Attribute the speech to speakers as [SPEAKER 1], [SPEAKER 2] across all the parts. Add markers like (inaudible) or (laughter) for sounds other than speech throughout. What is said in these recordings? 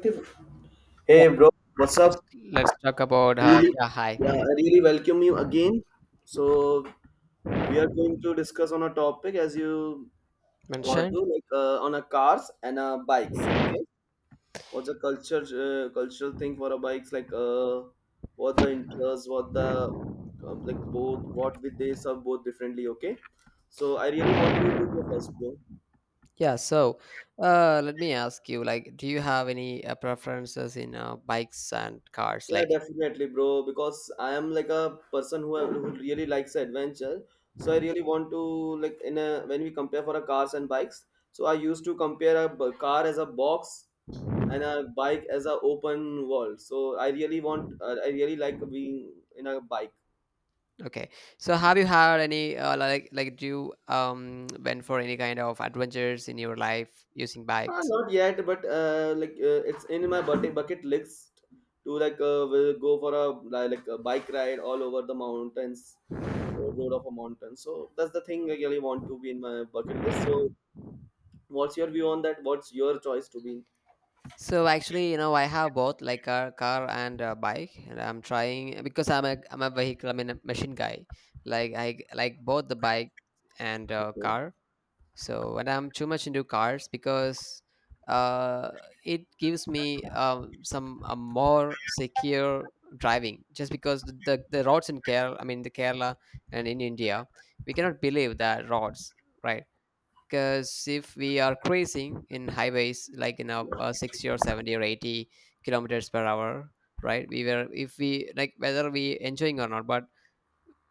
[SPEAKER 1] Active.
[SPEAKER 2] Yeah,
[SPEAKER 1] Hey bro, what's
[SPEAKER 2] let's
[SPEAKER 1] up?
[SPEAKER 2] let's talk about
[SPEAKER 1] I really,
[SPEAKER 2] yeah,
[SPEAKER 1] yeah,
[SPEAKER 2] hi
[SPEAKER 1] I really welcome you again. So we are going to discuss on a topic as you want
[SPEAKER 2] mentioned.
[SPEAKER 1] to, like on a cars and bikes. Okay, what's the culture cultural thing for a bikes? Like what the interest, what the like both, what with they serve both differently. Okay, so I really want you to go first, bro.
[SPEAKER 2] Yeah, so Let me ask you, like, do you have any preferences in bikes and cars?
[SPEAKER 1] Yeah,
[SPEAKER 2] Like,
[SPEAKER 1] definitely, bro. Because I am like a person who really likes adventure. So I really want to like in a when we compare for a cars and bikes. So I used to compare a car as a box and a bike as a open world. So I really like being in a bike.
[SPEAKER 2] okay, so have you had any do you went for any kind of adventures in your life using bikes?
[SPEAKER 1] Not yet, but like it's in my bucket list to like will go for a like a bike ride all over the mountains road of a mountain. So that's the thing I really want to be in my bucket list. So what's your view on that? What's your choice to be in?
[SPEAKER 2] So actually, you know, I have both like car and bike, and I'm trying because I'm a vehicle, I'm a machine guy. Like I like both the bike and
[SPEAKER 1] Okay.
[SPEAKER 2] car. So, and I'm too much into cars because uh, it gives me some a more secure driving. Just because the roads in Kerala, I mean the Kerala and in India, we cannot believe the roads, right? Because if we are cruising in highways like in a, 60 or 70 or 80 kilometers per hour, right? We were if we like whether we enjoying or not, but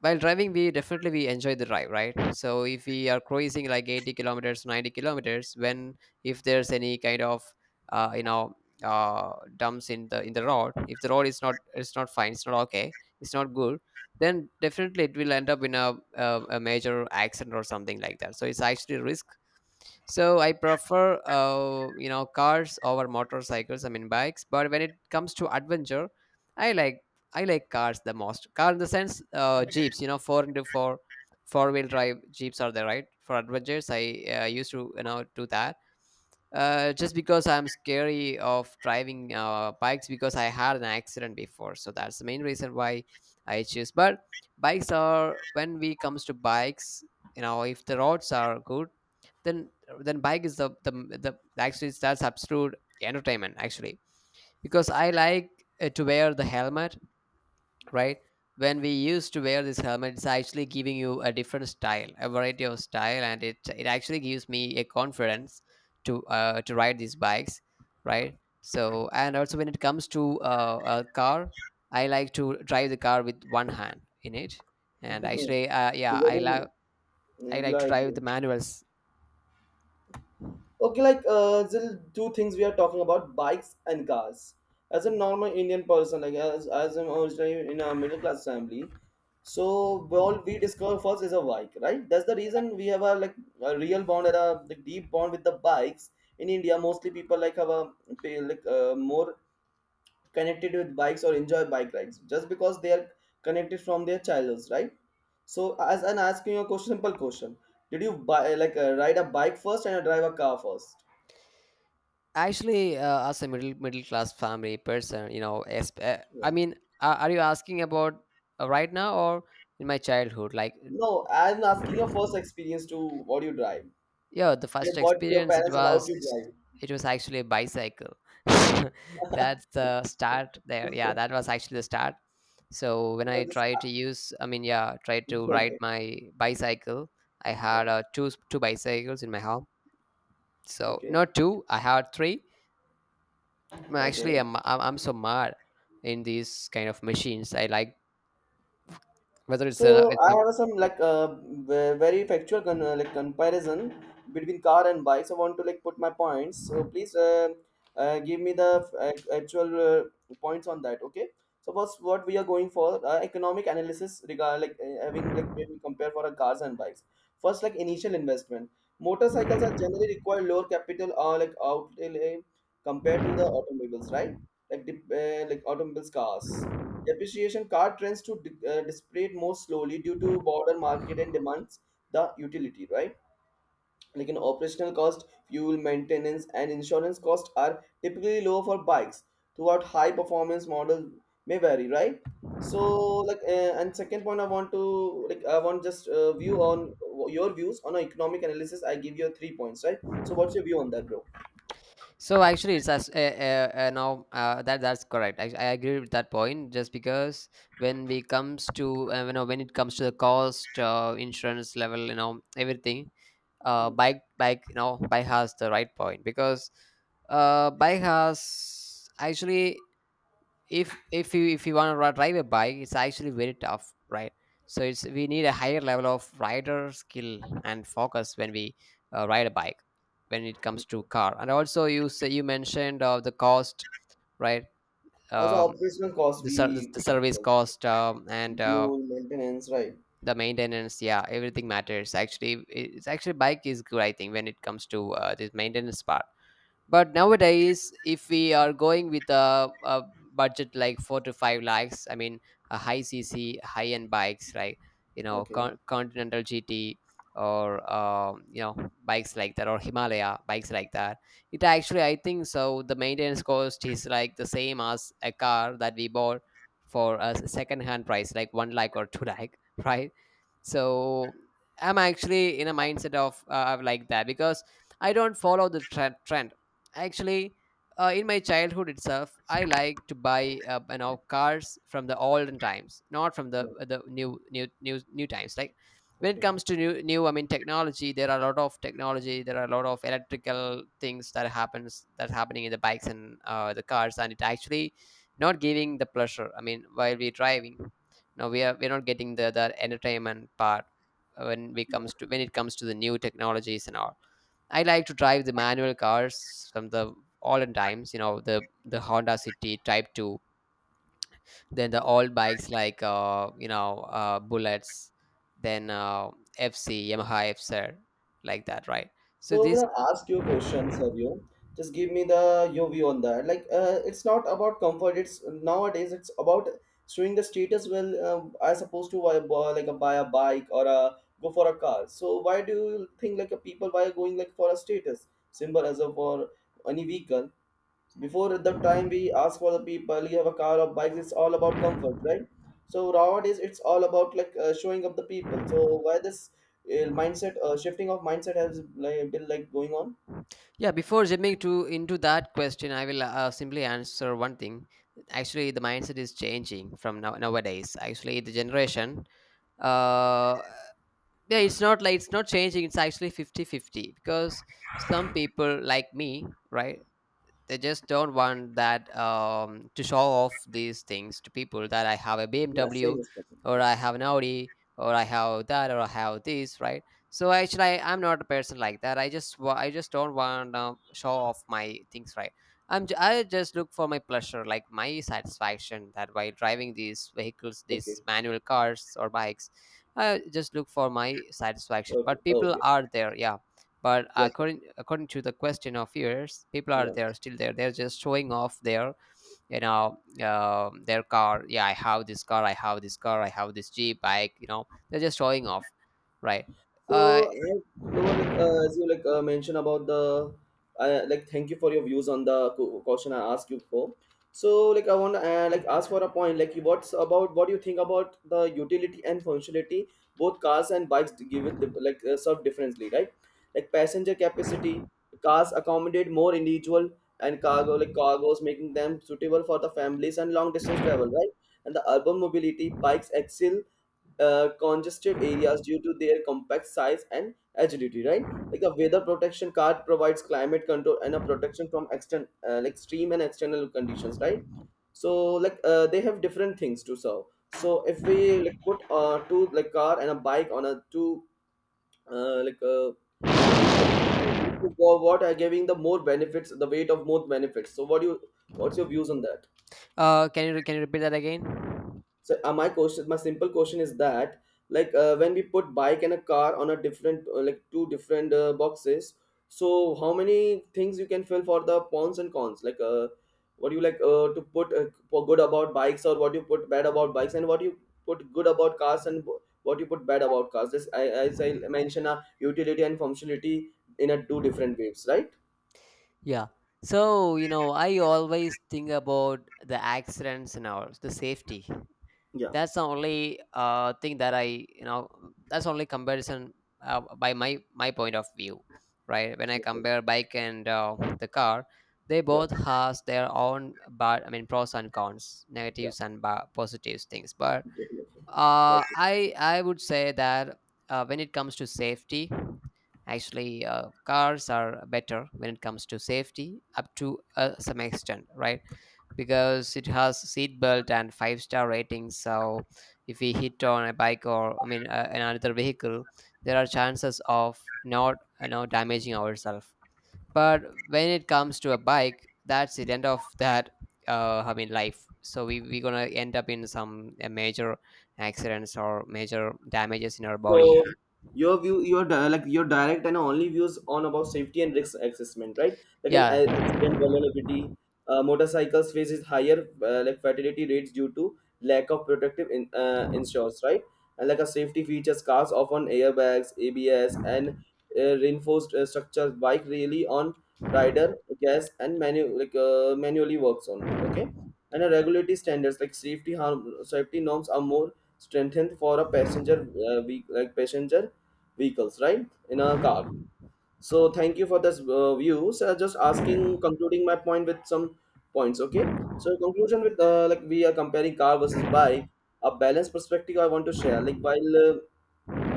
[SPEAKER 2] while driving we definitely we enjoy the drive, right? So if we are cruising like 80 kilometers, 90 kilometers, when if there's any kind of uh, you know dumps in the road, if the road is not, it's not fine, it's not okay, it's not good, then definitely it will end up in a major accident or something like that, so it's actually risk. So I prefer, you know, cars over motorcycles. I mean, bikes. But when it comes to adventure, I like I like cars the most. Car in the sense, jeeps. You know, four into four, four wheel drive jeeps are there, right? For adventures, I used to you know do that, just because I'm scary of driving bikes because I had an accident before, so that's the main reason why I choose. But bikes are when we comes to bikes, you know, if the roads are good, then then bike is the actually that's absolute entertainment actually because I like to wear the helmet, right? When we used to wear this helmet, it's actually giving you a different style, a variety of style, and it actually gives me a confidence to ride these bikes, right? So and also when it comes to a car, I like to drive the car with one hand in it, and
[SPEAKER 1] (laughs)
[SPEAKER 2] actually, yeah, I love.
[SPEAKER 1] Getting,
[SPEAKER 2] I like to
[SPEAKER 1] like
[SPEAKER 2] drive the manuals.
[SPEAKER 1] okay, like the two things we are talking about: bikes and cars. As a normal Indian person, like as I'm originally in a middle class family, so all we discover first is a bike, right? That's the reason we have a like a real bond and a like, deep bond with the bikes in India. Mostly people like have a pay like more connected with bikes or enjoy bike rides just because they are connected from their childhoods, right? So as I'm asking you a question, simple question, did you buy like ride a bike first and drive a car first?
[SPEAKER 2] Actually, as a middle class family person, you know,
[SPEAKER 1] Yeah.
[SPEAKER 2] are you asking about right now or in my childhood, like?
[SPEAKER 1] No, I'm asking your first experience to what you drive
[SPEAKER 2] Yeah, the
[SPEAKER 1] and
[SPEAKER 2] first
[SPEAKER 1] what your
[SPEAKER 2] experience it
[SPEAKER 1] parents allowed you
[SPEAKER 2] was,
[SPEAKER 1] drive.
[SPEAKER 2] it was actually a bicycle. (laughs) That's
[SPEAKER 1] (laughs) No,
[SPEAKER 2] the start there. Yeah, that was actually the start. So when I
[SPEAKER 1] this,
[SPEAKER 2] tried to use, I mean, yeah, tried to ride
[SPEAKER 1] okay.
[SPEAKER 2] my bicycle. I
[SPEAKER 1] Yeah.
[SPEAKER 2] had two, bicycles in my home. So
[SPEAKER 1] Okay.
[SPEAKER 2] not two, I had three. I'm Actually,
[SPEAKER 1] Okay.
[SPEAKER 2] I'm so mad in these kind of machines. I like whether it's a
[SPEAKER 1] So
[SPEAKER 2] it's
[SPEAKER 1] I
[SPEAKER 2] a
[SPEAKER 1] have some like very factual like comparison between car and bike. So I want to like put my points. So please give me the actual points on that. Okay. So first, what we are going for economic analysis regard like having like when we compare for our cars and bikes. First, like initial investment. Motorcycles are generally require lower capital or like outlay compared to the automobiles, right? Like the like automobiles, cars. Depreciation car trends to depreciate more slowly due to broader market and demands the utility, right? Like an operational cost, fuel, maintenance, and insurance costs are typically lower for bikes. Throughout high performance models may vary, right? So, like, and second point, I want just view on your views on an economic analysis. I give you three points, right? So, what's your view on that, bro?
[SPEAKER 2] so actually, it's as now that that's correct. I agree with that point. Just because when we comes to you know when it comes to the cost, insurance level, you know everything, uh,
[SPEAKER 1] Hmm.
[SPEAKER 2] bike bike you know bike has the right point because bike has actually if you want to drive a bike, it's actually very tough, right? So it's we need a higher level of rider skill and focus when we ride a bike when it comes to
[SPEAKER 1] Okay.
[SPEAKER 2] car and also you say you mentioned the cost, right?
[SPEAKER 1] Also,
[SPEAKER 2] um,
[SPEAKER 1] operational cost
[SPEAKER 2] the, ser- the,
[SPEAKER 1] we
[SPEAKER 2] the service cost, and
[SPEAKER 1] fuel maintenance, right?
[SPEAKER 2] the maintenance, yeah, everything matters actually. It's actually bike is good, I think when it comes to this maintenance part. But nowadays if we are going with a budget like four to five lakhs, I mean a high cc high end bikes like you know
[SPEAKER 1] Okay.
[SPEAKER 2] Continental gt or you know bikes like that or himalaya bikes like that, it actually I think so the maintenance cost is like the same as a car that we bought for a second hand price like one lakh or two lakh. (laughs) Right? So I'm actually in a mindset of like that because I don't follow the trend. Actually, in my childhood itself, I like to buy you know cars from the olden times, not from
[SPEAKER 1] Yeah.
[SPEAKER 2] the new times. Like when it
[SPEAKER 1] Okay.
[SPEAKER 2] comes to new, I mean technology, there are a lot of technology. There are a lot of electrical things that happens that happening in the bikes and the cars, and it actually not giving the pleasure. I mean, while we're driving, now we are we're not getting the entertainment part when it comes to the new technologies and all. I like to drive the manual cars from the olden times, you know, the Honda City Type 2, then the old bikes like Bullets, then FC, Yamaha FCR, like that, right? So
[SPEAKER 1] So I'm
[SPEAKER 2] this
[SPEAKER 1] gonna ask you a question, Savio. Just give me the your view on that. Like, it's not about comfort. It's nowadays. It's about showing the status. Well, I supposed to buy a bike or a go for a car. So why do you think like a people why are going like for a status symbol as a for any vehicle? Before the time we ask for the people, you have a car or bikes, it's all about comfort, right? So nowadays it's all about like showing up the people, so why this mindset, shifting of mindset has like, been like going on?
[SPEAKER 2] yeah, before jumping to into that question, I will simply answer one thing. Actually, the mindset is changing from now nowadays. Actually, the generation, uh, yeah it's not like it's not changing, it's actually 50-50 because some people like me, right, they just don't want that to show off these things to people that I have a
[SPEAKER 1] Yeah,
[SPEAKER 2] BMW
[SPEAKER 1] same as Papa.
[SPEAKER 2] or I have an Audi or I have that or I have this, right? So actually, I, I'm not a person like that. I just don't want to show off my things, right? I just look for my pleasure, like my satisfaction that while driving these vehicles,
[SPEAKER 1] Yeah. Okay.
[SPEAKER 2] these manual cars or bikes, I just look for my satisfaction.
[SPEAKER 1] Okay.
[SPEAKER 2] But people
[SPEAKER 1] Okay.
[SPEAKER 2] are there, yeah, but
[SPEAKER 1] Yeah, sure.
[SPEAKER 2] according to the question of yours, people are
[SPEAKER 1] Yeah.
[SPEAKER 2] there still there. They're just showing off their, you know, their car. Yeah, I have this car. I have this car. I have this jeep bike. You know, they're just showing off, right? Uh,
[SPEAKER 1] So, lower, like as you like mentioned about the, I like thank you for your views on the question I asked you for. So, like I want to like ask for a point. Like, what do you think about the utility and functionality both cars and bikes give it like serve differently, right? Like passenger capacity, cars accommodate more individual and cargo like cargos, making them suitable for the families and long distance travel, right? And the urban mobility, bikes excel congested areas due to their compact size and agility, right? Like a weather protection card provides climate control and a protection from extern like extreme and external conditions, right? So like they have different things to serve. So if we like put two like car and a bike on a two like two separate places, so what are giving the more benefits, the weight of more benefits, so what's your views on that?
[SPEAKER 2] can you repeat that again?
[SPEAKER 1] So my simple question is that, like, when we put bike and a car on a different, like, two different boxes, so how many things you can fill for the pros and cons? Like, what do you like to put for good about bikes, or what you put bad about bikes, and what you put good about cars, and what you put bad about cars? As I mentioned, utility and functionality in a two different waves, right?
[SPEAKER 2] Yeah. So, you know, I always think about the accidents and all, the safety.
[SPEAKER 1] Yeah.
[SPEAKER 2] That's the only thing that I you know that's only comparison by my point of view, right? When I
[SPEAKER 1] Okay.
[SPEAKER 2] compare bike and the car, they
[SPEAKER 1] Yeah.
[SPEAKER 2] both has their own but I mean pros and cons,
[SPEAKER 1] Yeah.
[SPEAKER 2] negatives and positives things but
[SPEAKER 1] Definitely.
[SPEAKER 2] I would say that when it comes to safety, actually, cars are better when it comes to safety up to some extent, right? Because it has seat belt and five-star ratings. So if we hit on a bike or I mean another vehicle, there are chances of not, you know, damaging ourselves. But when it comes to a bike, that's the end of that. I mean life. So we gonna end up in some major accidents or major damages in our
[SPEAKER 1] So
[SPEAKER 2] body.
[SPEAKER 1] your view, your like your direct and only views on about safety and risk assessment, right? Like an
[SPEAKER 2] Yeah.
[SPEAKER 1] accident vulnerability, motorcycles faces higher like fatality rates due to lack of protective insurance, right? And like a safety features, cars often airbags, ABS, and reinforced structures. Bike really on rider gas and manually works on. Okay, and a regulatory standards like safety norms are more strengthened for a like passenger vehicles, right, in a car. So thank you for this view, so just asking concluding my point with some points. Okay, so conclusion with like we are comparing car versus bike, a balanced perspective I want to share like while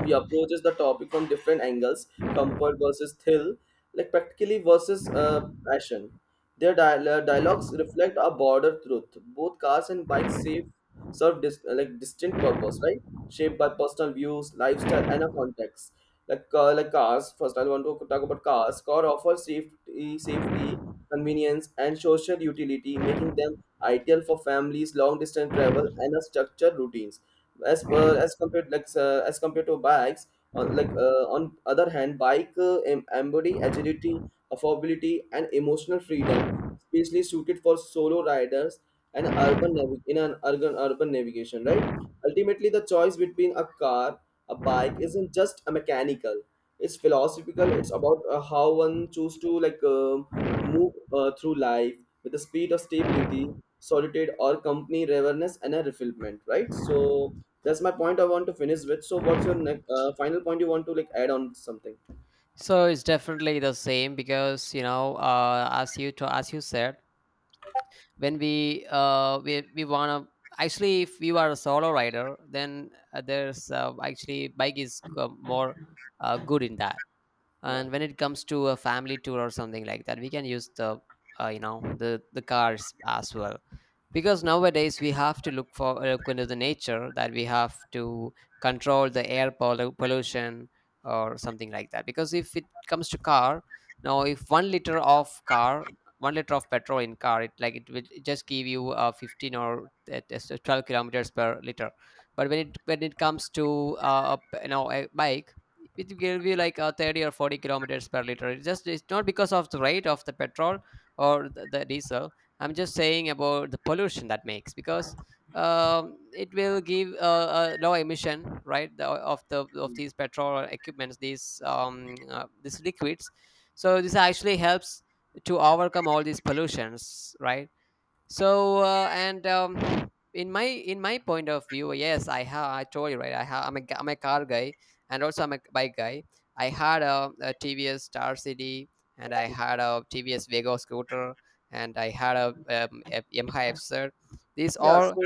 [SPEAKER 1] he approaches the topic from different angles: comfort versus thrill, like practically versus passion. Their dialogues reflect a broader truth. Both cars and bikes serve like distinct purpose, right? Shaped by personal views, lifestyle, and a context. Like like cars, first I want to talk about cars. Car offers safety, convenience, and social utility, making them ideal for families, long distance travel, and a structured routines as per as compared to bikes. On other hand, bike embody agility, affordability, and emotional freedom, especially suited for solo riders and urban in an urban navigation, right? Ultimately the choice between a car, a bike isn't just a mechanical, it's philosophical. It's about how one choose to like to move through life with the speed of stability, solitude or company, awareness and a refillment, right? So that's my point I want to finish with. So what's your final point you want to like add on something?
[SPEAKER 2] So it's definitely the same because, you know, as you said, when we wanna actually if you are a solo rider, then there's actually bike is more good in that.
[SPEAKER 1] Yeah,
[SPEAKER 2] And when it comes to a family tour or something like that, we can use the you know the cars as well, because nowadays we have to look for look into the nature, that we have to control the air pollution or something like that, because if it comes to car, now if 1 liter of petrol in car, it like it will just give you 15 or 12 kilometers per liter. But when it comes to you know a bike, it will be like 30 or 40 kilometers per liter. It's just it's not because of the rate of the petrol or the diesel. I'm just saying about the pollution that makes because it will give a low emission, right, of the of these petrol equipments, these liquids. So this actually helps to overcome all these pollutions, right? So and in my point of view, yes, I told you, right, I have I'm a, g- I'm a car guy and also I'm a bike guy. I had a TVS star city, and I had a TVS vega scooter, and I had a yamaha FZ. These
[SPEAKER 1] yeah,
[SPEAKER 2] all
[SPEAKER 1] so.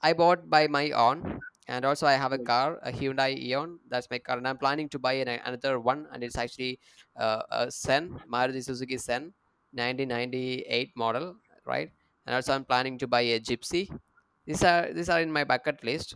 [SPEAKER 2] I bought by my own, and also I have a car, a Hyundai Eon. That's my car, and I'm planning to buy another one, and it's actually a Sen Maruti Suzuki Sen, 1998 model, right? And also I'm planning to buy a Gypsy. These are in my bucket list,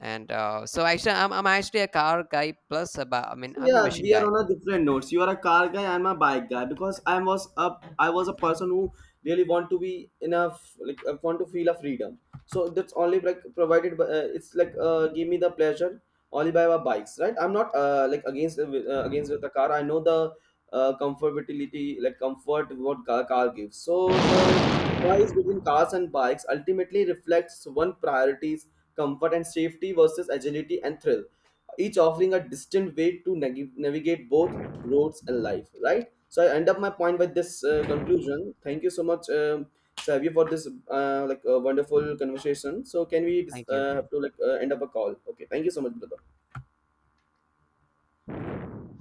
[SPEAKER 2] and so actually I'm actually a car guy plus I mean I'm a
[SPEAKER 1] Yeah,
[SPEAKER 2] machine
[SPEAKER 1] we are
[SPEAKER 2] guy.
[SPEAKER 1] on a different notes. You are a car guy, I'm a bike guy because I was a person who really want to be enough like want to feel a freedom. So that's only like provided by it's like give me the pleasure only by our bikes, right? I'm not like against the car. I know the comfortability like comfort what car gives. So the choice between cars and bikes ultimately reflects one priorities, comfort and safety versus agility and thrill, each offering a distinct way to navigate both roads and life, right? So I end up my point with this conclusion. Thank you so much, Savio, for this like wonderful conversation. So can we
[SPEAKER 2] Thank you.
[SPEAKER 1] have to like end up a call. Okay, thank you so much brother.